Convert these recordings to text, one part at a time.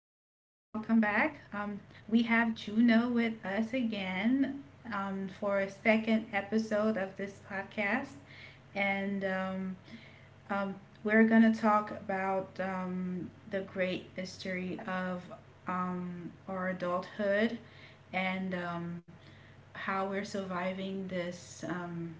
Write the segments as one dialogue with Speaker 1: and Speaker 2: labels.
Speaker 1: back. Um, we have Juno with us again for a second episode of this podcast. And um, we're going to talk about the great mystery of our adulthood and how we're surviving this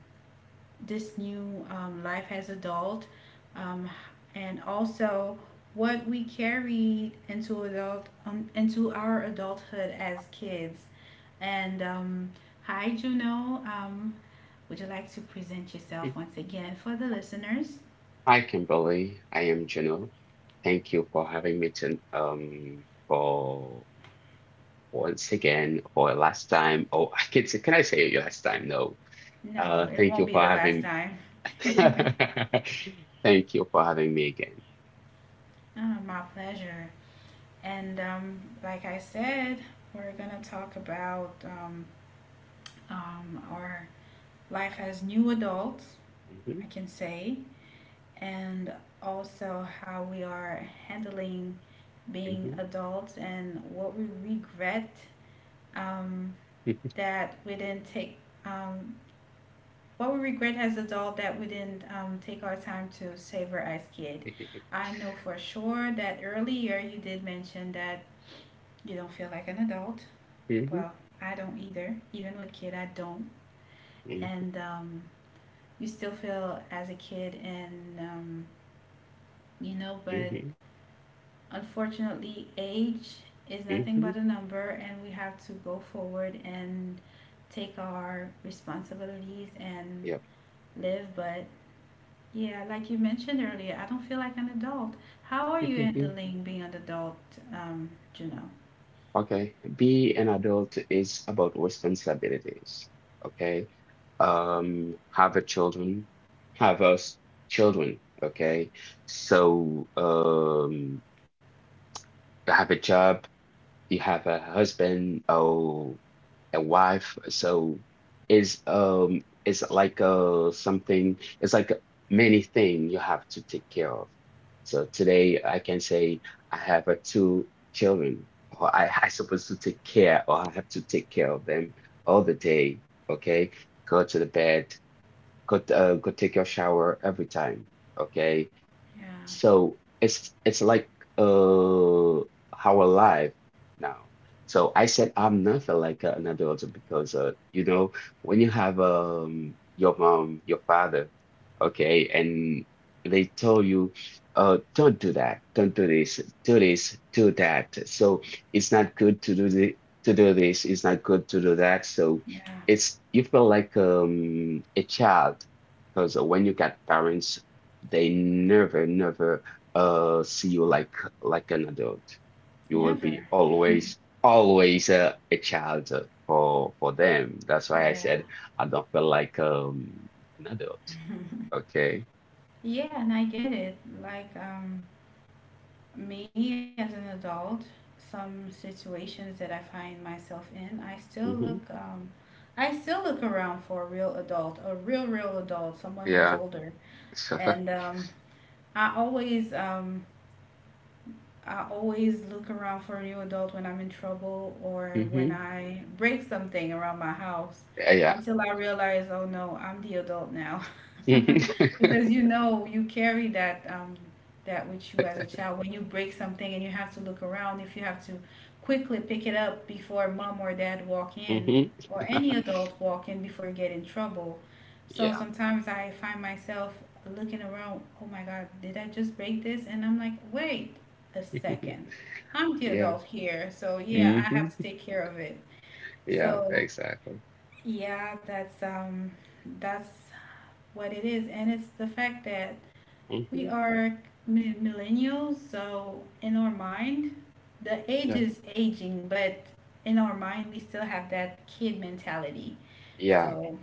Speaker 1: this new life as adult, um, and also what we carried into adult into our adulthood as kids. And hi, Juno. Would you like to present yourself once again for the listeners?
Speaker 2: Hi, Kimberly. I am Janelle. Thank you for having me for once again for a last time. Oh, can I say your last time? No.
Speaker 1: No, it
Speaker 2: Thank
Speaker 1: won't
Speaker 2: you
Speaker 1: be
Speaker 2: for
Speaker 1: the last
Speaker 2: having.
Speaker 1: time.
Speaker 2: Thank you for having me again.
Speaker 1: Ah, my pleasure. And Like I said, we're gonna talk about our life as new adults. I
Speaker 2: Hmm,
Speaker 1: can say, and also how we are handling being
Speaker 2: hmm.
Speaker 1: adults and what we regret, um, that we didn't take um, what we regret as adult that we didn't take our time to savor as kid. I know for sure that earlier you did mention that you don't feel like an adult.
Speaker 2: Hmm,
Speaker 1: Well, I don't either. Even with kid I don't. And you still feel as a kid, and you know but
Speaker 2: hmm,
Speaker 1: unfortunately, age is
Speaker 2: hmm,
Speaker 1: nothing but
Speaker 2: hmm.
Speaker 1: a number, and we have to go forward and take our responsibilities and
Speaker 2: Yep.
Speaker 1: live. But yeah, like you mentioned earlier, I don't feel like an adult. How are you handling being an adult, Juno?
Speaker 2: Okay, be an adult is about responsibilities. Okay, have a children, have us children. Okay, so have a job, you have a husband or a wife. So it's like something, it's like many things you have to take care of. So today I can say I have two children, or I supposed to take care, or I have to take care of them all the day. Okay, go to the bed, go take your shower every time. Okay,
Speaker 1: Yeah,
Speaker 2: so it's like uh how alive now. So I said I'm not feel like an adult because you know when you have your mom, your father, okay, and they tell you don't do that, don't do this, do this, do that. So it's not good to do the to do this, it's not good to do that. So
Speaker 1: yeah,
Speaker 2: it's you feel like a child because when you got parents they never, never see you like an adult. You will be
Speaker 1: never.
Speaker 2: always, always a child for them. That's why I
Speaker 1: Yeah,
Speaker 2: said I don't feel like an adult. Okay.
Speaker 1: yeah, and I get it. Like, me as an adult, some situations that I find myself in, I still
Speaker 2: Hmm.
Speaker 1: look I still look around for a real adult, a real real adult, someone who's
Speaker 2: Yeah.
Speaker 1: older.
Speaker 2: So.
Speaker 1: And I always I always look around for a new adult when I'm in trouble or when
Speaker 2: Hmm.
Speaker 1: I break something around my house
Speaker 2: Yeah.
Speaker 1: until I realize, oh no, I'm the adult now.
Speaker 2: Hmm.
Speaker 1: Because you know, you carry that, that with you as a child. When you break something and you have to look around, if you have to quickly pick it up before mom or dad walk in, or any adult walk in before you get in trouble. So
Speaker 2: Yeah.
Speaker 1: sometimes I find myself looking around, oh my God, did I just break this? And I'm like, wait, a second. I'm the
Speaker 2: Yeah.
Speaker 1: adult here, so yeah, I
Speaker 2: Hmm.
Speaker 1: have to take care of it.
Speaker 2: Yeah,
Speaker 1: So
Speaker 2: exactly.
Speaker 1: yeah, that's what it is, and it's the fact that we
Speaker 2: Hmm.
Speaker 1: are millennials, so in our mind, the age
Speaker 2: Yeah.
Speaker 1: is aging, but in our mind, we still have that kid mentality.
Speaker 2: Yeah.
Speaker 1: So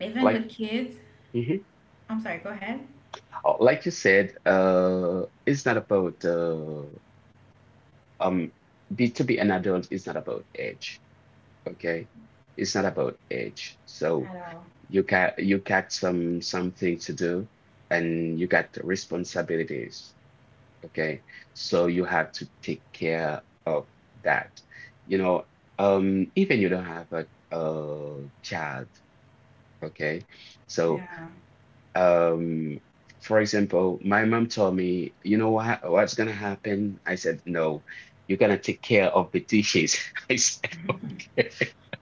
Speaker 1: even with
Speaker 2: Like,
Speaker 1: kids,
Speaker 2: mhm.
Speaker 1: I'm sorry, go ahead.
Speaker 2: Oh, like you said, it's not about um be To be an adult is not about age, okay, it's not about age. So
Speaker 1: At all.
Speaker 2: you got something to do, and you got responsibilities. Okay, so you have to take care of that, you know even you don't have a child, okay. So.
Speaker 1: Yeah.
Speaker 2: Um, for example, my mom told me, you know what, what's gonna happen? I said, no, you're gonna take care of the dishes. I said, okay.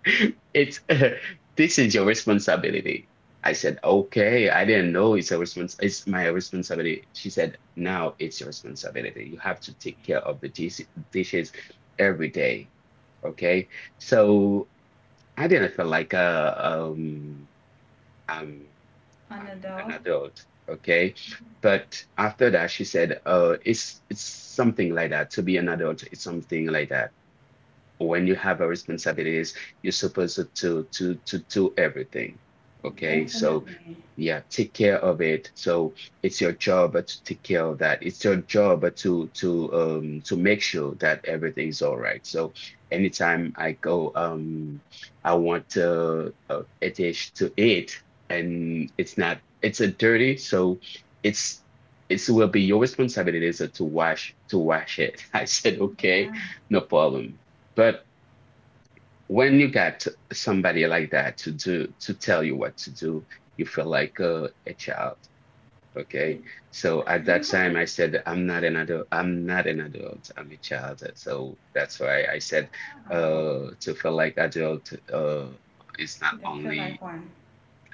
Speaker 2: It's This is your responsibility. I said, okay, I didn't know it's a respons it's my responsibility. She said, now it's your responsibility. You have to take care of the dishes every day. Okay. So I didn't feel like I'm
Speaker 1: An
Speaker 2: I'm an
Speaker 1: adult?
Speaker 2: adult, okay? But after that, she said, "Oh, it's something like that. To be an adult, it's something like that." When you have a responsibilities, you're supposed to do everything. Okay, so
Speaker 1: Definitely.
Speaker 2: yeah, take care of it. So it's your job to take care of that. It's your job to make sure that everything is all right. So anytime I go, I want a dish to eat, and it's not, it's a dirty, so it's it will be your responsibilities to wash it. I said, okay,
Speaker 1: Yeah.
Speaker 2: no problem. But when you got somebody like that to tell you what to do, you feel like a child.
Speaker 1: Y-
Speaker 2: Okay. So at that time, I said, I'm not an adult. I'm not an adult. I'm a child. So that's why I said,
Speaker 1: Oh,
Speaker 2: to feel like adult is not
Speaker 1: you don't feel like
Speaker 2: only.
Speaker 1: one.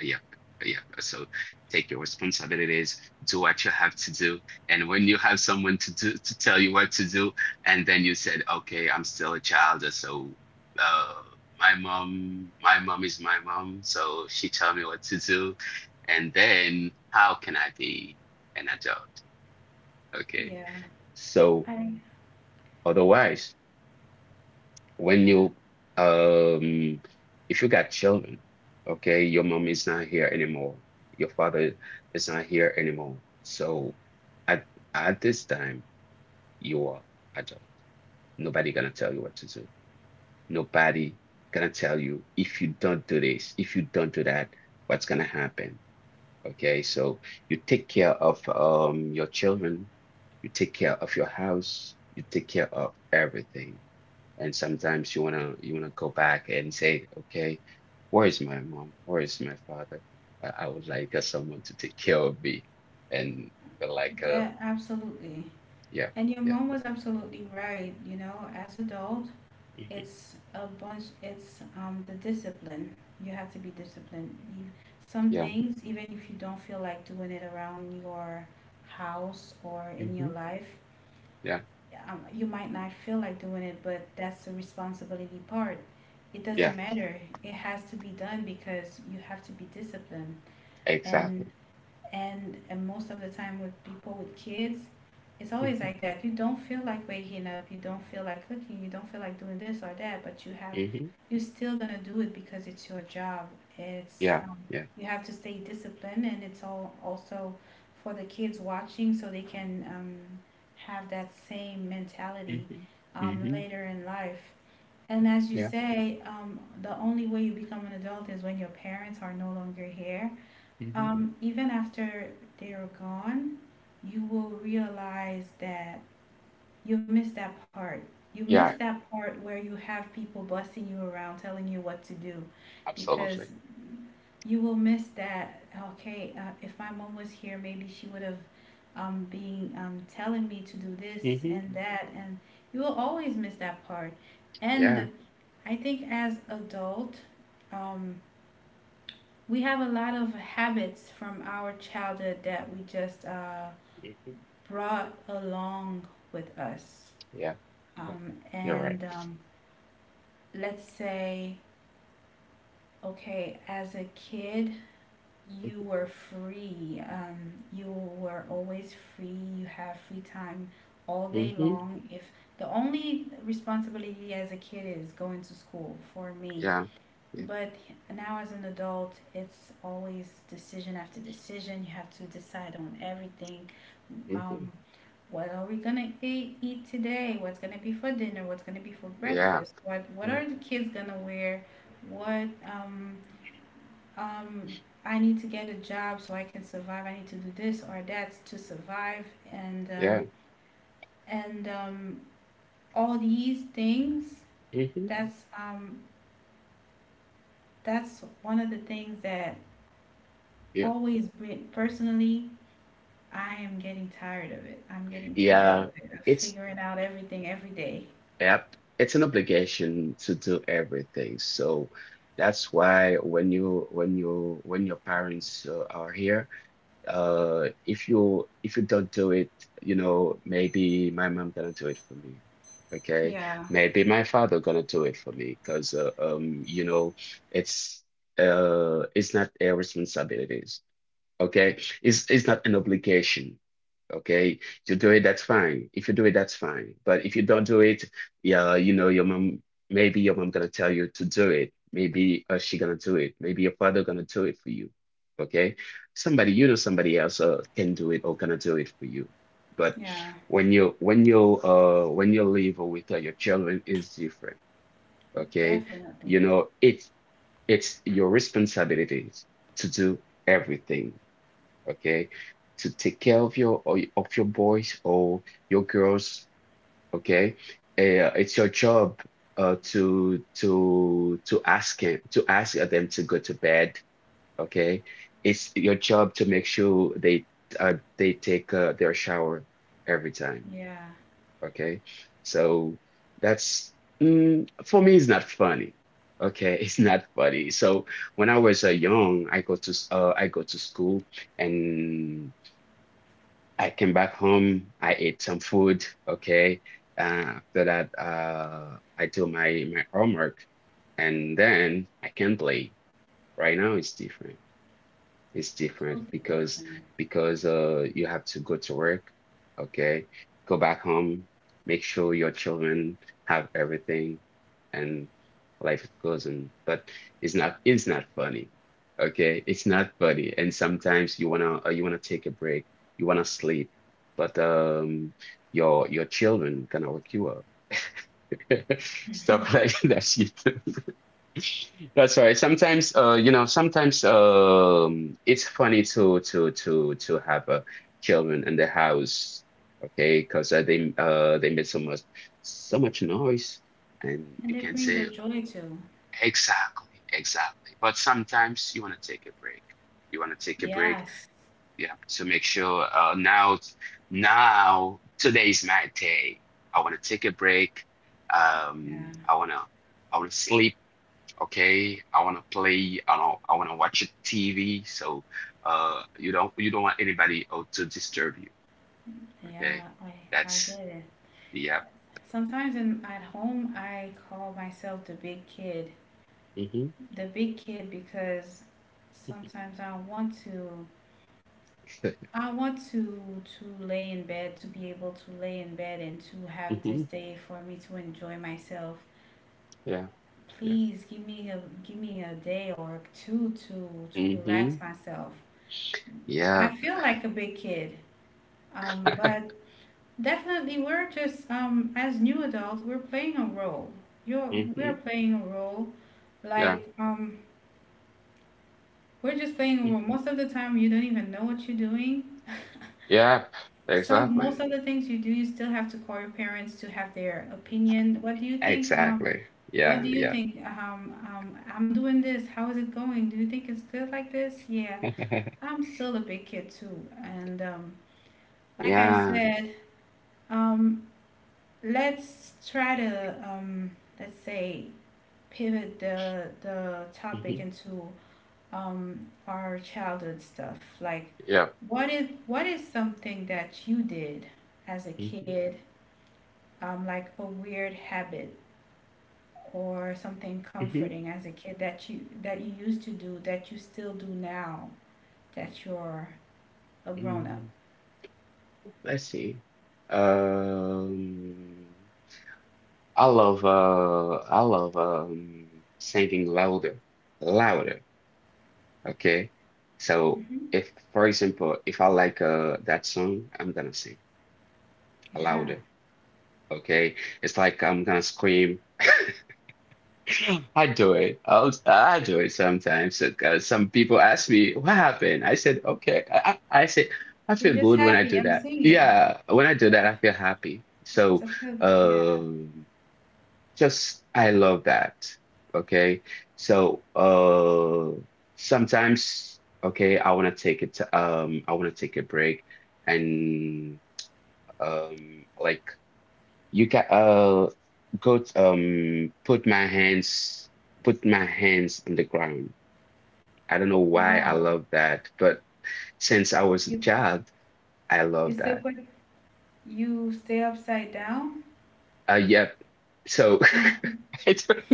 Speaker 2: Yep. Yep. So take your responsibilities, do what you have to do. And when you have someone to tell you what to do, and then you said, okay, I'm still a child. So uh my mom, is my mom, so she tell me what to do. And then how can I be an adult? Okay.
Speaker 1: Yeah.
Speaker 2: So
Speaker 1: I
Speaker 2: otherwise, when
Speaker 1: yeah.
Speaker 2: you um if you got children, okay, your mom is not here anymore, your father is not here anymore, so at at this time you are adult. Nobody gonna tell you what to do, nobody gonna tell you if you don't do this, if you don't do that, what's gonna happen. Okay, so you take care of your children, you take care of your house, you take care of everything. And sometimes you wanna go back and say, okay, where is my mom? Where is my father? I would like someone to take care of me and feel like
Speaker 1: That absolutely.
Speaker 2: yeah,
Speaker 1: And your
Speaker 2: yeah.
Speaker 1: mom was absolutely right, you know, as adult,
Speaker 2: Hmm.
Speaker 1: it's a bunch it's the discipline. You have to be disciplined. Some
Speaker 2: Yeah.
Speaker 1: things, even if you don't feel like doing it around your house or in your
Speaker 2: Hmm.
Speaker 1: life,
Speaker 2: Yeah,
Speaker 1: you might not feel like doing it, but that's the responsibility part. It
Speaker 2: yeah,
Speaker 1: doesn't matter. It has to be done because you have to be disciplined. And
Speaker 2: exactly.
Speaker 1: and most of the time with people with kids, it's always
Speaker 2: Hmm,
Speaker 1: like that. You don't feel like waking up, you don't feel like cooking, you don't feel like doing this or that, but you have,
Speaker 2: hmm.
Speaker 1: you're still gonna do it because it's your job. It's
Speaker 2: Yeah, yeah.
Speaker 1: you have to stay disciplined, and it's all also for the kids watching so they can have that same mentality
Speaker 2: Hmm, hmm.
Speaker 1: later in life. And as you
Speaker 2: Yeah.
Speaker 1: say, the only way you become an adult is when your parents are no longer here.
Speaker 2: Hmm.
Speaker 1: Even after they're gone, you will realize that you missed that part. You missed
Speaker 2: Yeah,
Speaker 1: that part where you have people busting you around, telling you what to do, because
Speaker 2: absolutely.
Speaker 1: you will miss that. Okay, if my mom was here, maybe she would have been telling me to do this
Speaker 2: Hmm.
Speaker 1: and that, and you will always miss that part. And
Speaker 2: Yeah.
Speaker 1: I think as adult, um, we have a lot of habits from our childhood that we just
Speaker 2: Hmm.
Speaker 1: brought along with us.
Speaker 2: Yeah, yeah, you're right.
Speaker 1: And let's say, okay, as a kid, you were free. You were always free. You have free time all
Speaker 2: Hmm,
Speaker 1: day
Speaker 2: hmm.
Speaker 1: long. If the only responsibility as a kid is going to school for me,
Speaker 2: Yeah, yeah.
Speaker 1: but now, as an adult, it's always decision after decision. You have to decide on everything.
Speaker 2: Hmm.
Speaker 1: Um, what are we gonna eat today? What's gonna be for dinner? What's gonna be for
Speaker 2: Yeah,
Speaker 1: breakfast? What are the kids gonna wear? What um I need to get a job so I can survive. I need to do this or that to survive, and
Speaker 2: yeah,
Speaker 1: um, and all these things.
Speaker 2: yeah.
Speaker 1: That's um that's one of the things that
Speaker 2: Yeah,
Speaker 1: always been personally, I am getting tired of it. I'm getting tired of
Speaker 2: yeah,
Speaker 1: it. I'm
Speaker 2: it's
Speaker 1: figuring out everything every day.
Speaker 2: it's an obligation to do everything. So that's why when you, when your parents are here, if you don't do it, you know, maybe my mom gonna do it for me. Okay,
Speaker 1: Yeah,
Speaker 2: maybe my father gonna do it for me, because you know, it's it's not their responsibilities. Okay. It's not an obligation. Okay. You do it, that's fine. If you do it, that's fine. But if you don't do it, yeah, you know, your mom maybe your mom gonna tell you to do it. Maybe she gonna do it. Maybe your father gonna do it for you. Okay. Somebody else can do it or gonna do it for you. But
Speaker 1: yeah,
Speaker 2: when you, when you live with your children is different. Okay. You
Speaker 1: definitely.
Speaker 2: know, it's your responsibility to do everything. Okay, to take care of your or of your boys or your girls, okay? It's your job to ask him to ask them to go to bed, okay? It's your job to make sure they, they take their shower every time,
Speaker 1: Yeah,
Speaker 2: okay? So that's for me, it's not funny. Okay, it's not funny. So when I was young, I go I go to school, and I came back home. I ate some food. Okay. Uh, After that, I do my homework, and then I can play. Right now, it's different is different,
Speaker 1: totally different.
Speaker 2: because you have to go to work. Okay, go back home, make sure your children have everything, and life goes on. But it's not funny, okay? It's not funny. And sometimes you wanna, you wanna take a break, you wanna sleep. But your children gonna wake you up. Stuff like that shit. That's right. Sometimes, it's funny to have children in the house, okay? Because they make so much so much noise, and
Speaker 1: And they
Speaker 2: you can
Speaker 1: bring the
Speaker 2: say
Speaker 1: joy too.
Speaker 2: exactly, exactly. But sometimes you want to take a break. You want to take a break.
Speaker 1: Yes.
Speaker 2: You have to make sure, now today is my day. I want to take a break.
Speaker 1: Yeah,
Speaker 2: Um, I wanna I wanna sleep. Okay, I want to play. I don't. I want to watch a TV. So you don't want anybody out to disturb you. Okay,
Speaker 1: yeah, I
Speaker 2: that's.
Speaker 1: get it.
Speaker 2: Yeah.
Speaker 1: Sometimes in, at home, I call myself the big kid.
Speaker 2: Mm-hmm.
Speaker 1: The big kid because sometimes I want to, I want to to lay in bed, to be able to lay in bed and to have this
Speaker 2: Mm-hmm.
Speaker 1: day for me to enjoy myself.
Speaker 2: Yeah, yeah.
Speaker 1: Please give me a day or two to
Speaker 2: Mm-hmm.
Speaker 1: relax myself.
Speaker 2: Yeah.
Speaker 1: I feel like a big kid. But definitely we're just um, as new adults, we're playing a role. You're we're
Speaker 2: Mm-hmm.
Speaker 1: playing a role.
Speaker 2: Yeah.
Speaker 1: Like um we're just playing a role.
Speaker 2: Mhm.
Speaker 1: Most of the time you don't even know what you're doing.
Speaker 2: Yeah,
Speaker 1: Some most
Speaker 2: exactly,
Speaker 1: of the things you do, you still have to call your parents to have their opinion. What do you think?
Speaker 2: exactly.
Speaker 1: What
Speaker 2: Yeah,
Speaker 1: do you
Speaker 2: yeah.
Speaker 1: think? I'm doing this. How is it going? Do you think it's good like this? Yeah, I'm still a big kid too, and like I
Speaker 2: Yeah.
Speaker 1: said, um, let's try to let's say pivot the topic
Speaker 2: Mm-hmm.
Speaker 1: into our childhood stuff. Like,
Speaker 2: Yeah.
Speaker 1: what is something that you did as a
Speaker 2: Mm-hmm,
Speaker 1: kid, like a weird habit or something comforting as a kid that you used to do that you still do now that you're a grown up.
Speaker 2: mm-hmm. Let's see. um I love, singing louder, louder. Okay. So,
Speaker 1: Hmm
Speaker 2: if for example, if I like that song, I'm gonna sing
Speaker 1: Yeah,
Speaker 2: louder. Okay. It's like I'm gonna scream. I do it. I do it sometimes because some people ask me what happened. I said, okay. I said I feel
Speaker 1: you're just
Speaker 2: good when I
Speaker 1: happy.
Speaker 2: do
Speaker 1: I'm
Speaker 2: that.
Speaker 1: singing.
Speaker 2: Yeah, when I do
Speaker 1: Yeah,
Speaker 2: that, I feel happy. So,
Speaker 1: it's a feel. Yeah.
Speaker 2: um. just I love that. Okay. So sometimes, okay, I wanna take a break. And like you can go to, um put my hands put my hands on the ground. I don't know why I
Speaker 1: Oh,
Speaker 2: love that, but since I was a
Speaker 1: you
Speaker 2: child, I love
Speaker 1: you still
Speaker 2: that.
Speaker 1: put, you stay upside down.
Speaker 2: Yep. So I don't.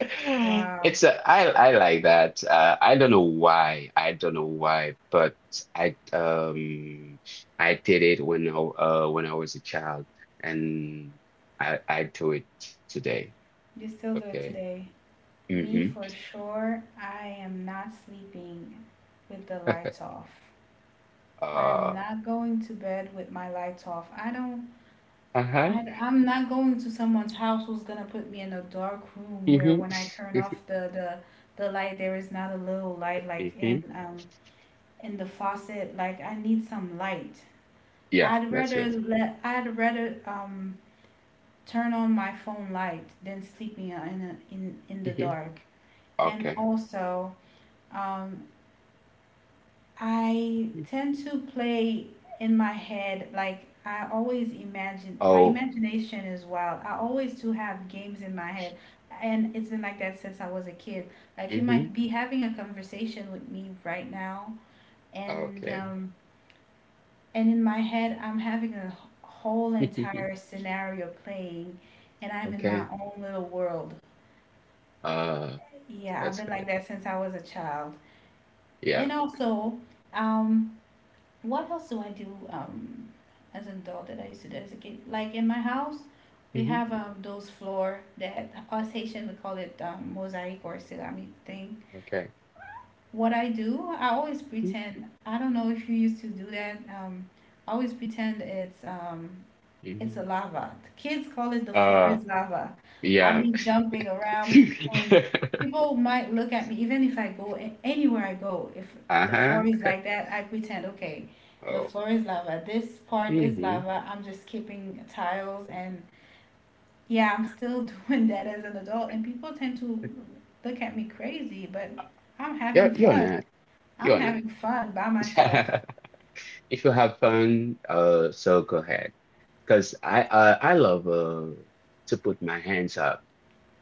Speaker 1: Wow,
Speaker 2: It's a, I like that. I don't know why. I don't know why, but I um I did it when I was a child, and I do it today.
Speaker 1: you still do it
Speaker 2: Okay.
Speaker 1: today. Me
Speaker 2: Mm-hmm.
Speaker 1: for sure. I am not sleeping with the lights off. I'm
Speaker 2: Uh.
Speaker 1: not going to bed with my lights off. I don't,
Speaker 2: Uh-huh.
Speaker 1: I'm not going to someone's house who's gonna put me in a dark room where
Speaker 2: Mm-hmm.
Speaker 1: when I turn off the light, there is not a little light like
Speaker 2: Mm-hmm.
Speaker 1: in the faucet. Like I need some light.
Speaker 2: Yeah, that's good.
Speaker 1: I'd rather turn on my phone light than sleeping in in the
Speaker 2: Hmm.
Speaker 1: dark. And
Speaker 2: Okay.
Speaker 1: also, um, I tend to play in my head, like I always imagine, my
Speaker 2: Oh.
Speaker 1: imagination is wild. I always do have games in my head, and it's been like that since I was a kid. Like you
Speaker 2: Mm-hmm.
Speaker 1: might be having a conversation with me right now, and
Speaker 2: Okay.
Speaker 1: um, and in my head, I'm having a whole entire scenario playing, and I'm in my
Speaker 2: Okay.
Speaker 1: own little world.
Speaker 2: Uh.
Speaker 1: Yeah, I've
Speaker 2: That's
Speaker 1: been like
Speaker 2: good.
Speaker 1: that since I was a child. And
Speaker 2: Yeah.
Speaker 1: also, um, what else do I do as an adult that I used to do as a kid? Like in my house, we
Speaker 2: Mm-hmm.
Speaker 1: have those floor that us Haitian we call it mosaic or ceramic thing.
Speaker 2: Okay.
Speaker 1: What I do, I always pretend. I don't know if you used to do that. I always pretend it's a
Speaker 2: Mm-hmm.
Speaker 1: lava. The kids call it the floor
Speaker 2: Uh,
Speaker 1: is lava. I
Speaker 2: Yeah.
Speaker 1: be jumping around, and people might look at me, even if I go anywhere I go. If the floor
Speaker 2: Uh-huh.
Speaker 1: is like that, I pretend, okay, the
Speaker 2: Oh.
Speaker 1: floor is lava. This part is
Speaker 2: Hmm.
Speaker 1: lava. I'm just keeping tiles, and yeah, I'm still doing that as an adult. And people tend to look at me crazy, but I'm
Speaker 2: Yeah,
Speaker 1: having
Speaker 2: you're
Speaker 1: fun.
Speaker 2: not.
Speaker 1: I'm
Speaker 2: You're not.
Speaker 1: having fun by myself.
Speaker 2: If you have fun, so go ahead. Because I love to put my hands up.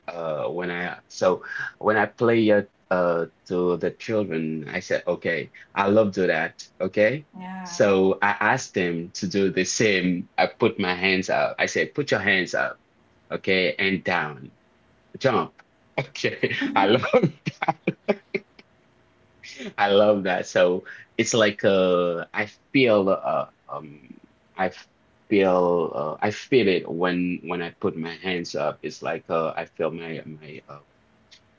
Speaker 2: When I, when I play it to the children, I said, okay, I love do that. Okay.
Speaker 1: Yeah.
Speaker 2: So I asked them to do the same. I put my hands up. I said, put your hands up. Okay, and down. Jump. Okay. I love that. I love that. So it's like I feel I I feel it when I put my hands up. It's like I feel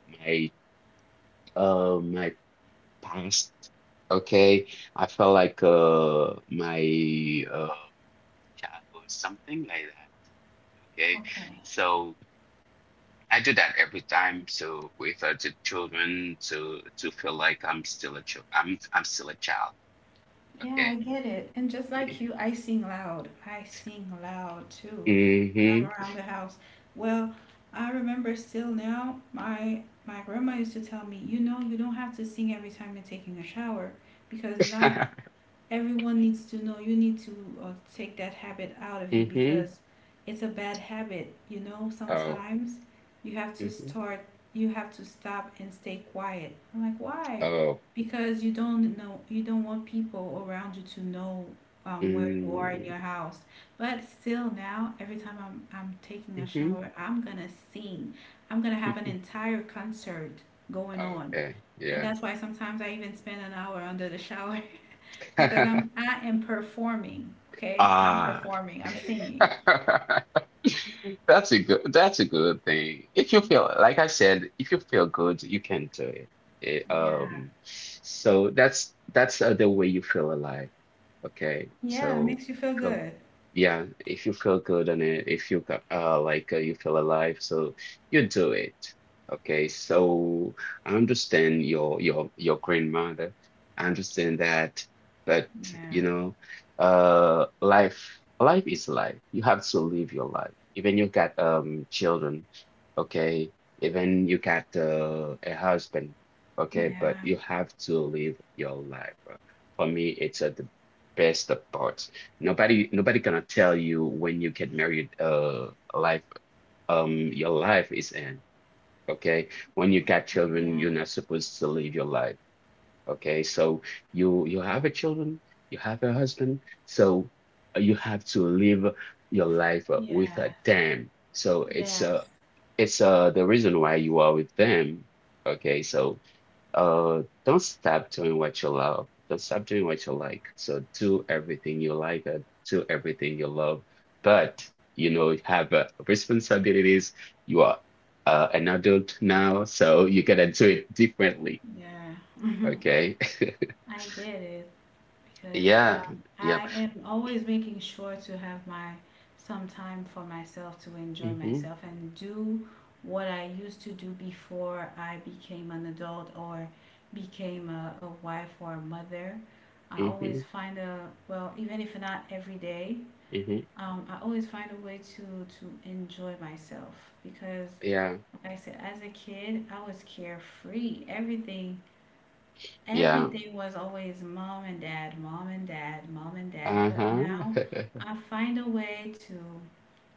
Speaker 2: my my past. Okay. I feel like my uh childhood, something like that. Okay.
Speaker 1: Okay.
Speaker 2: So. I do that every time. So with the children, to feel like I'm still a child. I'm still a child.
Speaker 1: Yeah, I
Speaker 2: Okay.
Speaker 1: get it. And just like you, I sing loud. I sing loud too when I'm
Speaker 2: Mm-hmm.
Speaker 1: around the house. Well, I remember still now, my grandma used to tell me, you know, you don't have to sing every time you're taking a shower because not everyone needs to know. You need to take that habit out of you
Speaker 2: Mm-hmm.
Speaker 1: because it's a bad habit. You know,
Speaker 2: Oh.
Speaker 1: sometimes you have to
Speaker 2: Mm-hmm.
Speaker 1: start, you have to stop and stay quiet. I'm like, why?
Speaker 2: Oh.
Speaker 1: Because you don't know, you don't want people around you to know where you are in your
Speaker 2: Mm-hmm.
Speaker 1: house. But still, now, every time I'm taking a shower, I'm gonna sing. I'm gonna have an
Speaker 2: Mm-hmm.
Speaker 1: entire concert going on.
Speaker 2: Okay.
Speaker 1: And
Speaker 2: Yeah.
Speaker 1: that's why sometimes I even spend an hour under the shower because I'm I am performing. Okay, I'm
Speaker 2: Ah.
Speaker 1: performing. I'm singing.
Speaker 2: That's a good thing. If you feel, like I said, if you feel good, you can do it.
Speaker 1: Yeah.
Speaker 2: So that's the way you feel alive. Okay,
Speaker 1: Yeah, it
Speaker 2: so
Speaker 1: makes you
Speaker 2: you
Speaker 1: feel
Speaker 2: feel,
Speaker 1: good.
Speaker 2: yeah, if you feel good and if you like you feel alive, so you do it. Okay, so I understand your grandmother. I understand that, but
Speaker 1: Yeah.
Speaker 2: you know, life is life. You have to live your life. Even you got children, okay. Even you got a husband, okay. But
Speaker 1: Yeah.
Speaker 2: you have to live your life. For me, it's a debate best of parts. Nobody gonna tell you when you get married life your life is end. Okay. When you got children,
Speaker 1: Yeah.
Speaker 2: you're not supposed to live your life. Okay. So you have a children, you have a husband, so you have to live your life with
Speaker 1: Yeah.
Speaker 2: them. So it's uh
Speaker 1: Yes.
Speaker 2: it's uh the reason why you are with them. Okay, so don't stop doing what you love. Don't stop doing what you like. So do everything you like and do everything you love. But you know, you have responsibilities. You are an adult now, so you gotta do it differently.
Speaker 1: Yeah.
Speaker 2: Okay?
Speaker 1: I get it. because
Speaker 2: Yeah.
Speaker 1: um,
Speaker 2: Yep.
Speaker 1: I am always making sure to have my some time for myself to enjoy
Speaker 2: Mm-hmm.
Speaker 1: myself and do what I used to do before I became an adult or became a wife or a mother. I always
Speaker 2: Mm-hmm.
Speaker 1: find a well, even if not every day,
Speaker 2: Mm-hmm.
Speaker 1: I always find a way to enjoy myself because,
Speaker 2: Yeah.
Speaker 1: like I said, as a kid, I was carefree. Everything
Speaker 2: Yeah.
Speaker 1: Everything was always mom and dad, mom and dad, mom and dad. But
Speaker 2: Uh-huh.
Speaker 1: now I find a way to,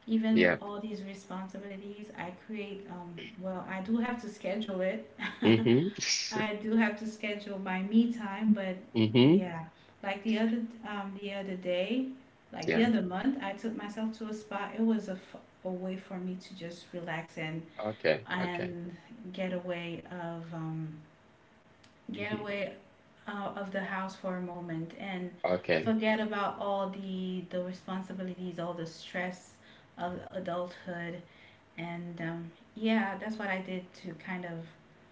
Speaker 1: even with
Speaker 2: Yep.
Speaker 1: all these responsibilities, I create, well, I do have to schedule it.
Speaker 2: Mm-hmm.
Speaker 1: I do have to schedule my me time, but
Speaker 2: Mm-hmm.
Speaker 1: yeah, like the other the other day, like the
Speaker 2: Yeah.
Speaker 1: other month, I took myself to a spa. It was a way for me to just relax
Speaker 2: Okay. Okay.
Speaker 1: and get away of get
Speaker 2: Mm-hmm.
Speaker 1: away out of the house for a moment and
Speaker 2: Okay.
Speaker 1: forget about all the responsibilities, all the stress of adulthood. And yeah, that's what I did to kind of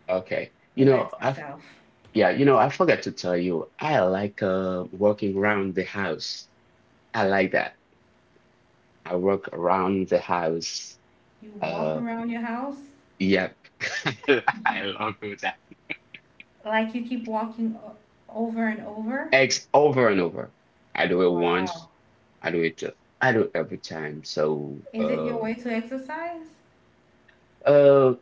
Speaker 2: Okay. You know,
Speaker 1: relax
Speaker 2: I
Speaker 1: myself.
Speaker 2: Yeah, you know, I forgot to tell you, I like working around the house. I like that. I work around the house.
Speaker 1: You walk
Speaker 2: Uh,
Speaker 1: around your house
Speaker 2: yep. I love it.
Speaker 1: like you keep walking over and over.
Speaker 2: Eggs over and over. I do it
Speaker 1: Wow.
Speaker 2: once. I do it. uh, I do it every time. So,
Speaker 1: Is it your way to exercise?
Speaker 2: uh,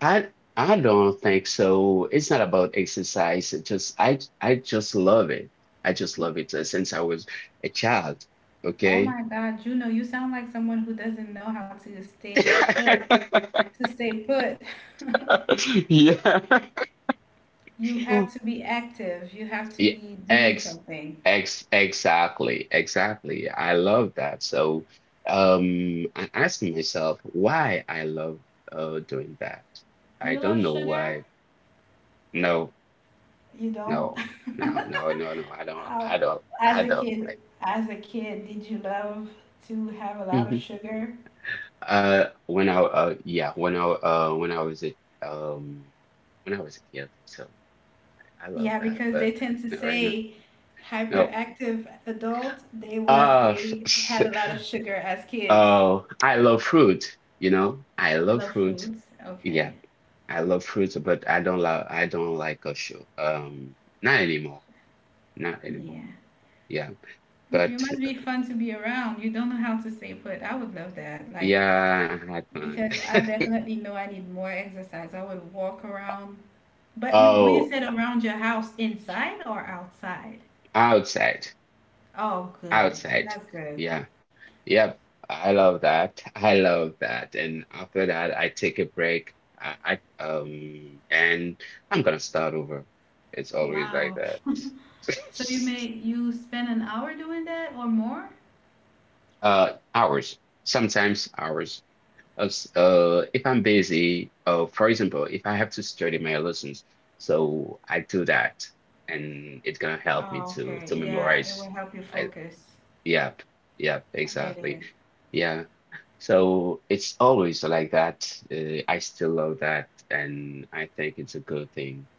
Speaker 2: I I don't think so. It's not about exercise. It just I just love it. I just love it since I was a child.
Speaker 1: Oh
Speaker 2: Okay.
Speaker 1: my God, Juno, you sound like someone who doesn't know how to stay put, to stay put.
Speaker 2: Yeah.
Speaker 1: You have to be active. You have to
Speaker 2: Yeah,
Speaker 1: be doing
Speaker 2: ex,
Speaker 1: something.
Speaker 2: exactly. I love that. So, I ask myself why I love doing that.
Speaker 1: Do
Speaker 2: I
Speaker 1: you love
Speaker 2: don't know
Speaker 1: sugar?
Speaker 2: why. No,
Speaker 1: You don't?
Speaker 2: no, no, no, no, No. I don't.
Speaker 1: Uh,
Speaker 2: I don't.
Speaker 1: as
Speaker 2: I
Speaker 1: a
Speaker 2: don't
Speaker 1: kid,
Speaker 2: like.
Speaker 1: as a kid, did you love to have a lot of
Speaker 2: Mhm.
Speaker 1: sugar?
Speaker 2: When I yeah, when I was a um when I was a kid, so I love
Speaker 1: Yeah,
Speaker 2: that.
Speaker 1: because
Speaker 2: But
Speaker 1: they tend to
Speaker 2: not right now.
Speaker 1: say
Speaker 2: No.
Speaker 1: hyperactive adult,
Speaker 2: Uh
Speaker 1: they had a lot of sugar as kids.
Speaker 2: Oh, I love fruit, you know. I
Speaker 1: You
Speaker 2: love
Speaker 1: love
Speaker 2: fruit.
Speaker 1: fruits?
Speaker 2: Yeah,
Speaker 1: Okay.
Speaker 2: I love fruit, but I don't like a show. Not anymore. Not anymore.
Speaker 1: Yeah.
Speaker 2: Yeah.
Speaker 1: You
Speaker 2: But
Speaker 1: must be fun to be around. You don't know how to stay put. I would love that. Like,
Speaker 2: yeah, I had fun.
Speaker 1: because I definitely know I need more exercise. I would walk around. But you, when you
Speaker 2: Oh,
Speaker 1: said around your house, inside or outside?
Speaker 2: outside.
Speaker 1: Oh, good.
Speaker 2: Outside.
Speaker 1: That's good.
Speaker 2: Yeah. Yep. I love that. I love that. And after that, I take a break. I and I'm gonna start over. It's always like
Speaker 1: Wow.
Speaker 2: that.
Speaker 1: So you made you spend an hour doing that or more?
Speaker 2: Hours, sometimes hours. As, if I'm busy, for example, if I have to study my lessons, so I do that, and it's gonna help me
Speaker 1: Oh,
Speaker 2: to
Speaker 1: okay.
Speaker 2: to
Speaker 1: Yeah, it
Speaker 2: memorize
Speaker 1: will help you
Speaker 2: my.
Speaker 1: focus.
Speaker 2: Yep, yep,
Speaker 1: I get it.
Speaker 2: exactly. Yeah. So it's always like that. I still love that, and I think it's a good thing.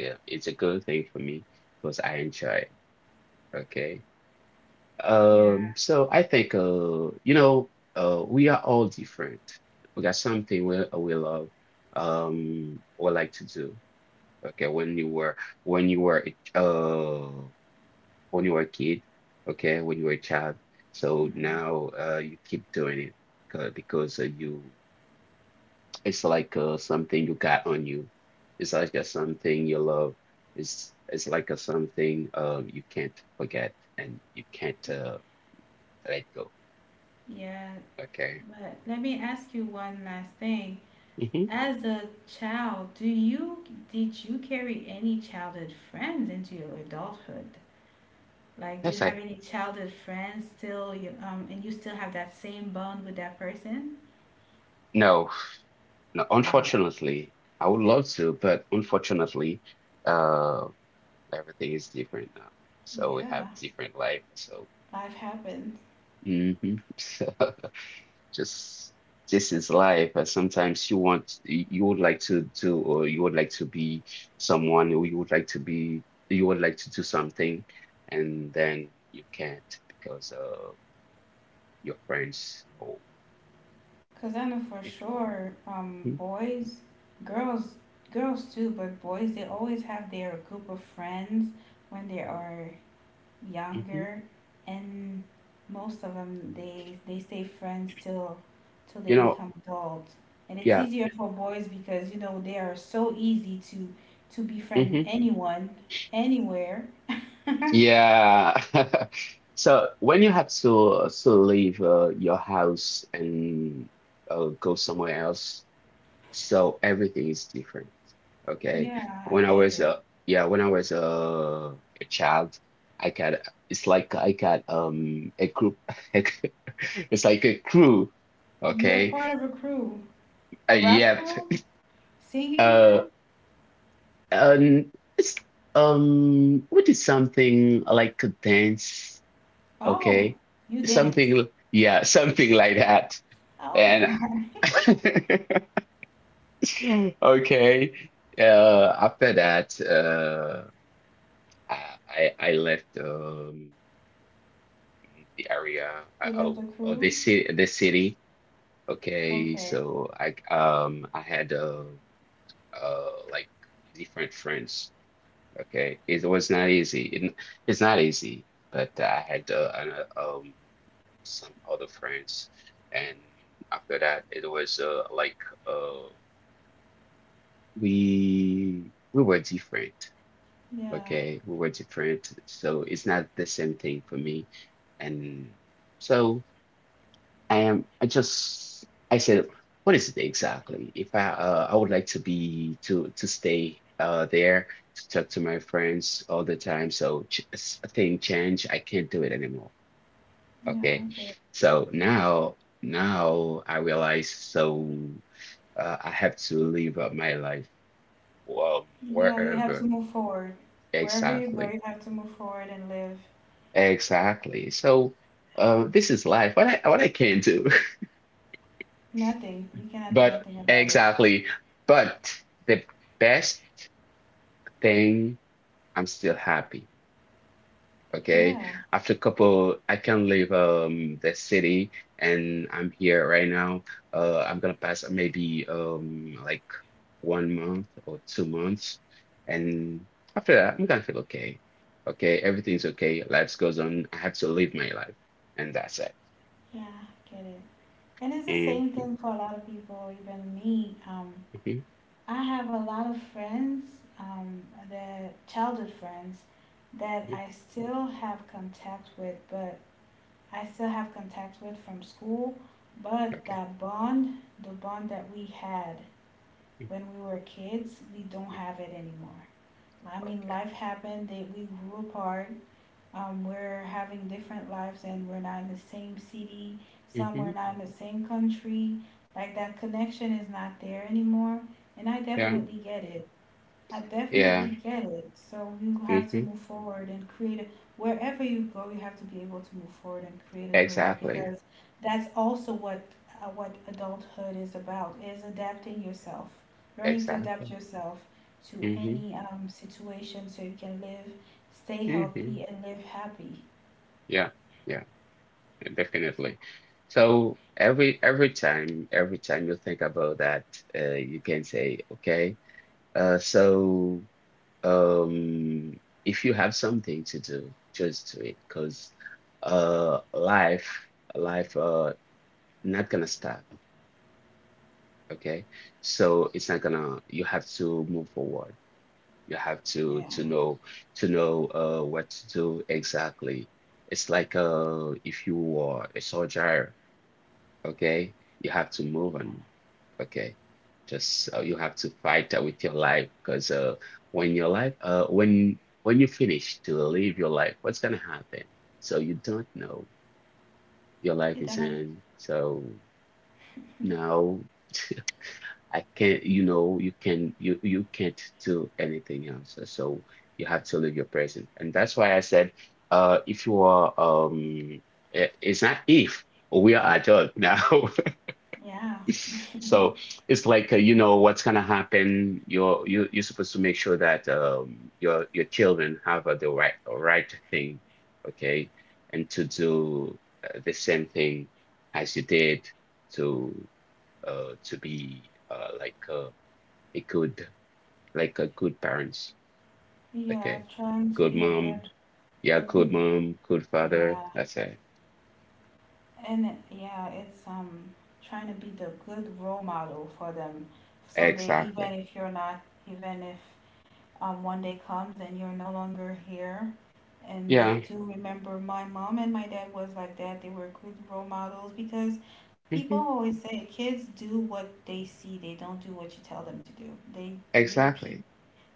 Speaker 2: Yeah, it's a good thing for me because I enjoy it. Okay.
Speaker 1: Yeah.
Speaker 2: So I think you know, we are all different. We got something we love, we like to do. Okay, when you were a ch- when you were a kid, okay, when you were a child. So now you keep doing it because you it's like something you got on you. It's like a something you love. It's like a something you can't forget and you can't let go.
Speaker 1: Yeah.
Speaker 2: Okay.
Speaker 1: But let me ask you one last thing.
Speaker 2: hmm
Speaker 1: As a child, do you did you carry any childhood friends into your adulthood? Like, do you
Speaker 2: Yes,
Speaker 1: have
Speaker 2: I
Speaker 1: any childhood friends still, you, and you still have that same bond with that person?
Speaker 2: no, no.
Speaker 1: Ah,
Speaker 2: Unfortunately, I would love to, but unfortunately, uh, everything is different now. So we have
Speaker 1: yeah,
Speaker 2: different life. So,
Speaker 1: life happens.
Speaker 2: hmm So just this is life. And sometimes you want you you would like to do, or you would like to be someone, or you would like to do something, and then you can't because your friends. Oh,
Speaker 1: Cause I know for
Speaker 2: it,
Speaker 1: sure,
Speaker 2: hmm
Speaker 1: boys, girls, girls too, but boys they always have their group of friends when they are younger, and most of them they stay friends till they
Speaker 2: You know,
Speaker 1: become adults. And it's
Speaker 2: yeah.
Speaker 1: easier for boys because you know they are so easy to befriend
Speaker 2: Mm-hmm.
Speaker 1: anyone, anywhere.
Speaker 2: Yeah. So when you have to leave your house and go somewhere else, so everything is different. Okay.
Speaker 1: Yeah, I
Speaker 2: When I
Speaker 1: get
Speaker 2: was
Speaker 1: it.
Speaker 2: yeah, when I was a child, I got it's like I got a group it's like a crew.
Speaker 1: You are
Speaker 2: Okay.
Speaker 1: part of a crew, a rap
Speaker 2: Yep.
Speaker 1: crew, singing
Speaker 2: Uh
Speaker 1: crew.
Speaker 2: and it's we did something like a dance. Okay.
Speaker 1: Oh, you dance.
Speaker 2: Something, yeah, something like that.
Speaker 1: Oh my
Speaker 2: And
Speaker 1: God.
Speaker 2: okay. Uh, after that, I left the area.
Speaker 1: You left the
Speaker 2: Oh,
Speaker 1: crew?
Speaker 2: the city. Okay,
Speaker 1: Okay.
Speaker 2: so I had like different friends. Okay, it was not easy. It's not easy, but I had some other friends, and after that, it was like uh we were different.
Speaker 1: Yeah.
Speaker 2: Okay, we were different, so it's not the same thing for me, and so. I said, what is it exactly? If I would like to be to stay there to talk to my friends all the time. So thing change, I can't do it anymore.
Speaker 1: Yeah,
Speaker 2: Okay,
Speaker 1: I get it.
Speaker 2: so now I realize so I have to live my life
Speaker 1: Yeah, you have to
Speaker 2: wherever
Speaker 1: move forward. Wherever you go,
Speaker 2: exactly
Speaker 1: you have to move forward and live.
Speaker 2: exactly. So this is life. What I can do.
Speaker 1: Nothing. You cannot do
Speaker 2: But
Speaker 1: nothing about it.
Speaker 2: exactly. But the best thing, I'm still happy. Okay.
Speaker 1: Yeah.
Speaker 2: After a couple, I can leave the city and I'm here right now. I'm gonna pass maybe like one month or two months, and after that, I'm gonna feel okay. Okay, everything's okay. Life goes on. I have to live my life, and that's it.
Speaker 1: Yeah, get it. And it's the same
Speaker 2: Mm-hmm.
Speaker 1: thing for a lot of people, even me.
Speaker 2: Mm-hmm.
Speaker 1: I have a lot of friends, um, that childhood friends, that
Speaker 2: Mm-hmm.
Speaker 1: I still have contact with, but I still have contact with from school. But
Speaker 2: Okay.
Speaker 1: that bond, the bond that we had
Speaker 2: Mm,
Speaker 1: when we were kids, we don't
Speaker 2: mm,
Speaker 1: have it anymore. I mean,
Speaker 2: okay.
Speaker 1: life happened, they, we grew apart, we're having different lives and we're not in the same city some
Speaker 2: hmm
Speaker 1: we're not in the same country like that connection is not there anymore and I
Speaker 2: Yeah.
Speaker 1: definitely get it. I
Speaker 2: Yeah.
Speaker 1: definitely get it. So you have to
Speaker 2: Mm-hmm.
Speaker 1: move forward and create a, wherever you go, you have to be able to move forward and create a new life
Speaker 2: Exactly.
Speaker 1: because that's also what adulthood is about is adapting yourself, learning to adapt
Speaker 2: Exactly.
Speaker 1: yourself to
Speaker 2: Mm-hmm.
Speaker 1: any situation so you can live, stay
Speaker 2: Mm-hmm.
Speaker 1: healthy and live happy.
Speaker 2: Yeah. Yeah.
Speaker 1: So,
Speaker 2: Definitely. So every time you think about that, you can say, okay, uh, so um, if you have something to do, just do it, because uh, life life not gonna stop. Okay, so it's not gonna. You have to move forward. You have to
Speaker 1: yeah,
Speaker 2: to know to know what to do exactly. It's like if you are a soldier, okay, you have to move
Speaker 1: yeah,
Speaker 2: on, okay. Just you have to fight that with your life because when you finish to live your life, what's gonna happen? So you don't know. Your life
Speaker 1: you
Speaker 2: is
Speaker 1: die.
Speaker 2: in. So now. I can't, you know, you can't do anything else. So you have to live your present. And that's why I said, if you are I- it's not if we are adult now.
Speaker 1: Yeah,
Speaker 2: So it's like you know what's gonna happen. You're supposed to make sure that your children have the right thing, okay, and to do the same thing as you did to to be like a good like a good parents,
Speaker 1: yeah,
Speaker 2: okay.
Speaker 1: trying to
Speaker 2: Good
Speaker 1: be
Speaker 2: mom. Yeah,
Speaker 1: a
Speaker 2: good
Speaker 1: good,
Speaker 2: mom, good father,
Speaker 1: yeah.
Speaker 2: that's it.
Speaker 1: Yeah, it's trying to be the good role model for them. So they even
Speaker 2: Exactly.
Speaker 1: if you're not even if one day comes and you're no longer here and they
Speaker 2: Yeah.
Speaker 1: do remember my mom and my dad was like that, they were good role models because people
Speaker 2: Hmm,
Speaker 1: always say kids do what they see, they don't do what you tell them to do. Repeat
Speaker 2: exactly.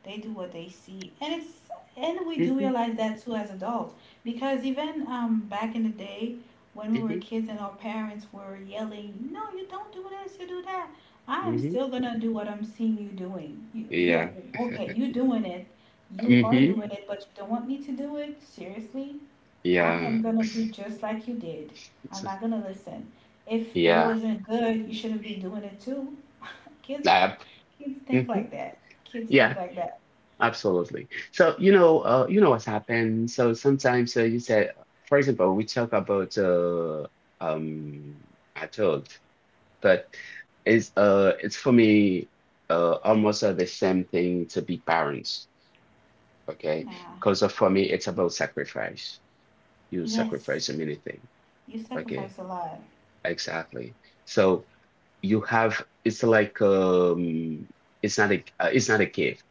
Speaker 1: they do what they see, and it's and we do
Speaker 2: Hmm.
Speaker 1: realize that too as adults because even back in the day when we were
Speaker 2: Hmm.
Speaker 1: kids and our parents were yelling, "No, you don't do this, you do that." I am
Speaker 2: Hmm.
Speaker 1: still gonna do what I'm seeing you doing. You, yeah,
Speaker 2: Yeah.
Speaker 1: okay, you doing it. You are
Speaker 2: Hmm.
Speaker 1: doing it, but you don't want me to do it. Seriously, I
Speaker 2: Yeah.
Speaker 1: am gonna do just like you did. I'm not gonna listen. If it
Speaker 2: Yeah.
Speaker 1: wasn't good, you shouldn't be doing it too. Kids,
Speaker 2: Uh.
Speaker 1: Kids think
Speaker 2: Hmm.
Speaker 1: like that. Kids think
Speaker 2: Yeah,
Speaker 1: like that.
Speaker 2: absolutely. So you know what's happened. So sometimes you said, for example, we talk about um adult, but it's for me almost the same thing to be parents, okay,
Speaker 1: Yeah.
Speaker 2: because for me it's about sacrifice. You
Speaker 1: Yes,
Speaker 2: sacrifice a many thing,
Speaker 1: you
Speaker 2: okay,
Speaker 1: sacrifice a lot.
Speaker 2: exactly. So you have it's like it's not a gift,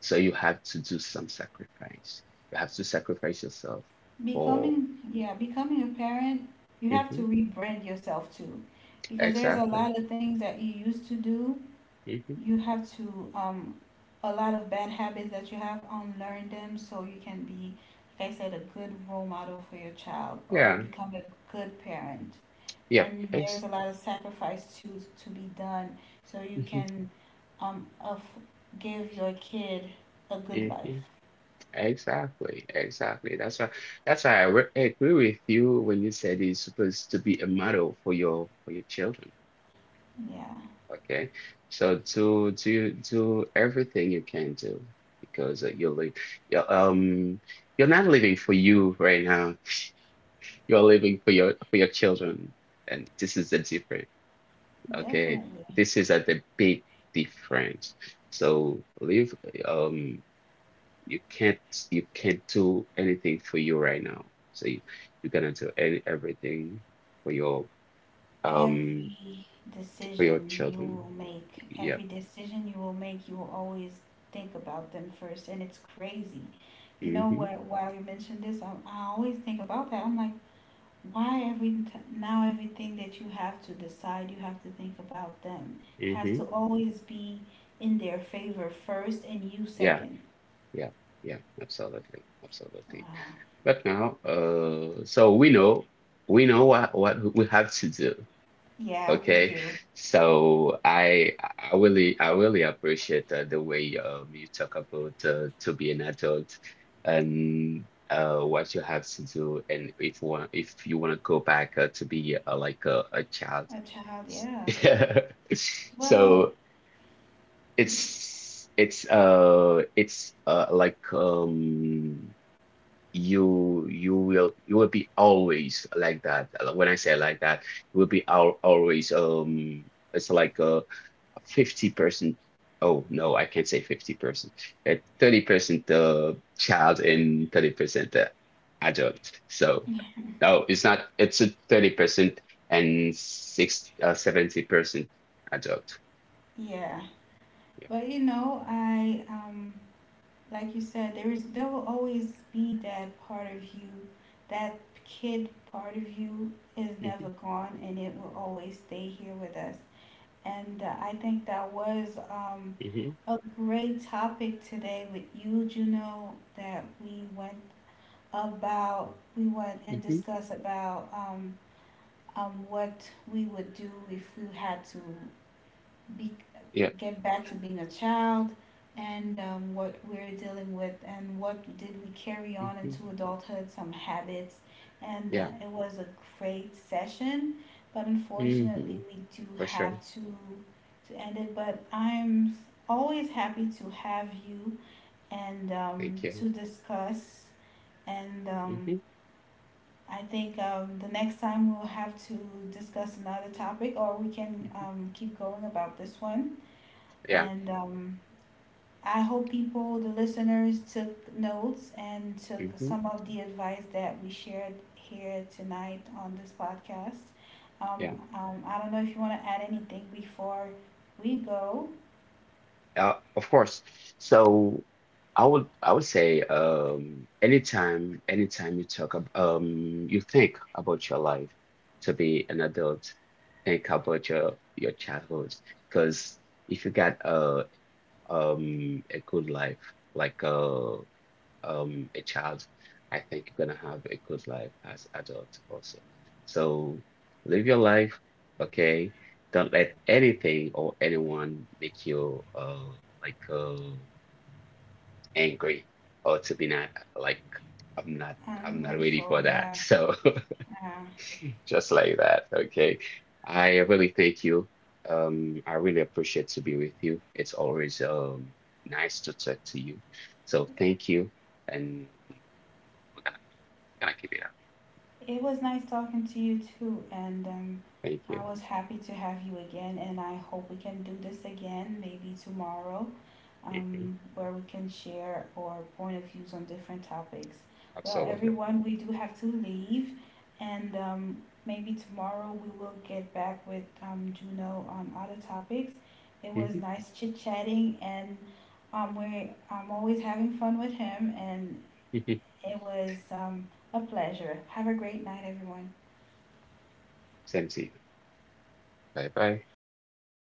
Speaker 2: so you have to do some sacrifice. You have to sacrifice yourself for.
Speaker 1: Becoming, yeah, becoming a parent, you have to
Speaker 2: Mhm.
Speaker 1: rebrand yourself too, because there's a
Speaker 2: Exactly.
Speaker 1: lot of things that you used to do.
Speaker 2: Hmm.
Speaker 1: You have to, a lot of bad habits that you have, unlearn them so you can be, like I said, a good role model for your child or
Speaker 2: Yeah.
Speaker 1: become a good parent.
Speaker 2: yep
Speaker 1: And there's
Speaker 2: ex
Speaker 1: a lot of sacrifice to be done so you can of give your kid a good life.
Speaker 2: hmm. Exactly, exactly. That's why I re agree with you when you said it's supposed to be a model for your children.
Speaker 1: Yeah.
Speaker 2: Okay, so do do everything you can do because you're um you're not living for you right now. You're living for your children, and this is the difference. Okay,
Speaker 1: Definitely.
Speaker 2: this is at the big difference. So live. Um, you can't you can't do anything for you right now. You're gonna do everything for your um
Speaker 1: Every
Speaker 2: for your
Speaker 1: decision you will
Speaker 2: children.
Speaker 1: make, every
Speaker 2: Yep.
Speaker 1: decision you will make, you will always think about them first. And it's crazy. You know
Speaker 2: Mm-hmm.
Speaker 1: what? While you mentioned this, I always think about that. I'm like, why now everything that you have to decide, you have to think about them. It has to
Speaker 2: Mm-hmm.
Speaker 1: always be in their favor first and you
Speaker 2: Yeah.
Speaker 1: second.
Speaker 2: Yeah. Yeah. Absolutely. Absolutely.
Speaker 1: Wow.
Speaker 2: But now, so we know what we have to do.
Speaker 1: Yeah, we
Speaker 2: Okay,
Speaker 1: do.
Speaker 2: so I really appreciate the way you talk about to be an adult, and what you have to do, and if one if you want to go back to be like a child.
Speaker 1: A child, yeah. Well,
Speaker 2: So
Speaker 1: y-
Speaker 2: it's like you will be always like that. When I say like that, you will be al always it's like a 50%. Oh no, I can't say 50%. A 30% child and 30% adult. So no, it's not it's a 30% and six 70% adult.
Speaker 1: yeah.
Speaker 2: Yeah.
Speaker 1: But you know, I like you said, there is there will always be that part of you, that kid part of you is never
Speaker 2: Mhm,
Speaker 1: gone and it will always stay here with us. And I think that was
Speaker 2: mhm,
Speaker 1: a great topic today with you, Juno, that we went and
Speaker 2: mhm.
Speaker 1: discussed about what we would do if we had to be,
Speaker 2: Yeah.
Speaker 1: get back to being a child and what we're dealing with and what did we carry on
Speaker 2: Mhm.
Speaker 1: into adulthood some habits and
Speaker 2: Yeah.
Speaker 1: it was a great session, but unfortunately
Speaker 2: Hmm.
Speaker 1: we do
Speaker 2: For
Speaker 1: have
Speaker 2: sure.
Speaker 1: to end it, but I'm always happy to have you and
Speaker 2: Thank you.
Speaker 1: to discuss and
Speaker 2: Hmm.
Speaker 1: I think the next time we'll have to discuss another topic or we can keep going about this one
Speaker 2: Yeah.
Speaker 1: and I hope people, the listeners, took notes and took
Speaker 2: Hmm.
Speaker 1: some of the advice that we shared here tonight on this podcast.
Speaker 2: Yeah.
Speaker 1: I don't know if you want to add anything before we go.
Speaker 2: Of course. So I would say anytime anytime you talk about you think about your life to be an adult, think about your childhood. Because if you got a good life, like a child, I think you're gonna have a good life as adult also. So live your life, okay? Don't let anything or anyone make you like angry or to be not like I'm not
Speaker 1: I'm
Speaker 2: I'm not ready
Speaker 1: grateful,
Speaker 2: for that.
Speaker 1: yeah.
Speaker 2: So
Speaker 1: Uh,
Speaker 2: just like that, okay? I really thank you. I really appreciate to be with you. It's always nice to talk to you. So thank you and we're gonna I keep it up.
Speaker 1: it was nice talking to you too, and
Speaker 2: Thank
Speaker 1: I
Speaker 2: you.
Speaker 1: was happy to have you again, and I hope we can do this again maybe tomorrow,
Speaker 2: Hmm.
Speaker 1: where we can share our point of views on different topics. Well,
Speaker 2: Absolutely.
Speaker 1: everyone, we do have to leave, and maybe tomorrow we will get back with Juno on other topics. It was
Speaker 2: Hmm.
Speaker 1: nice chit chatting, and we I'm always having fun with him, and it was a pleasure. Have a great night, everyone.
Speaker 2: Same to you. Bye bye.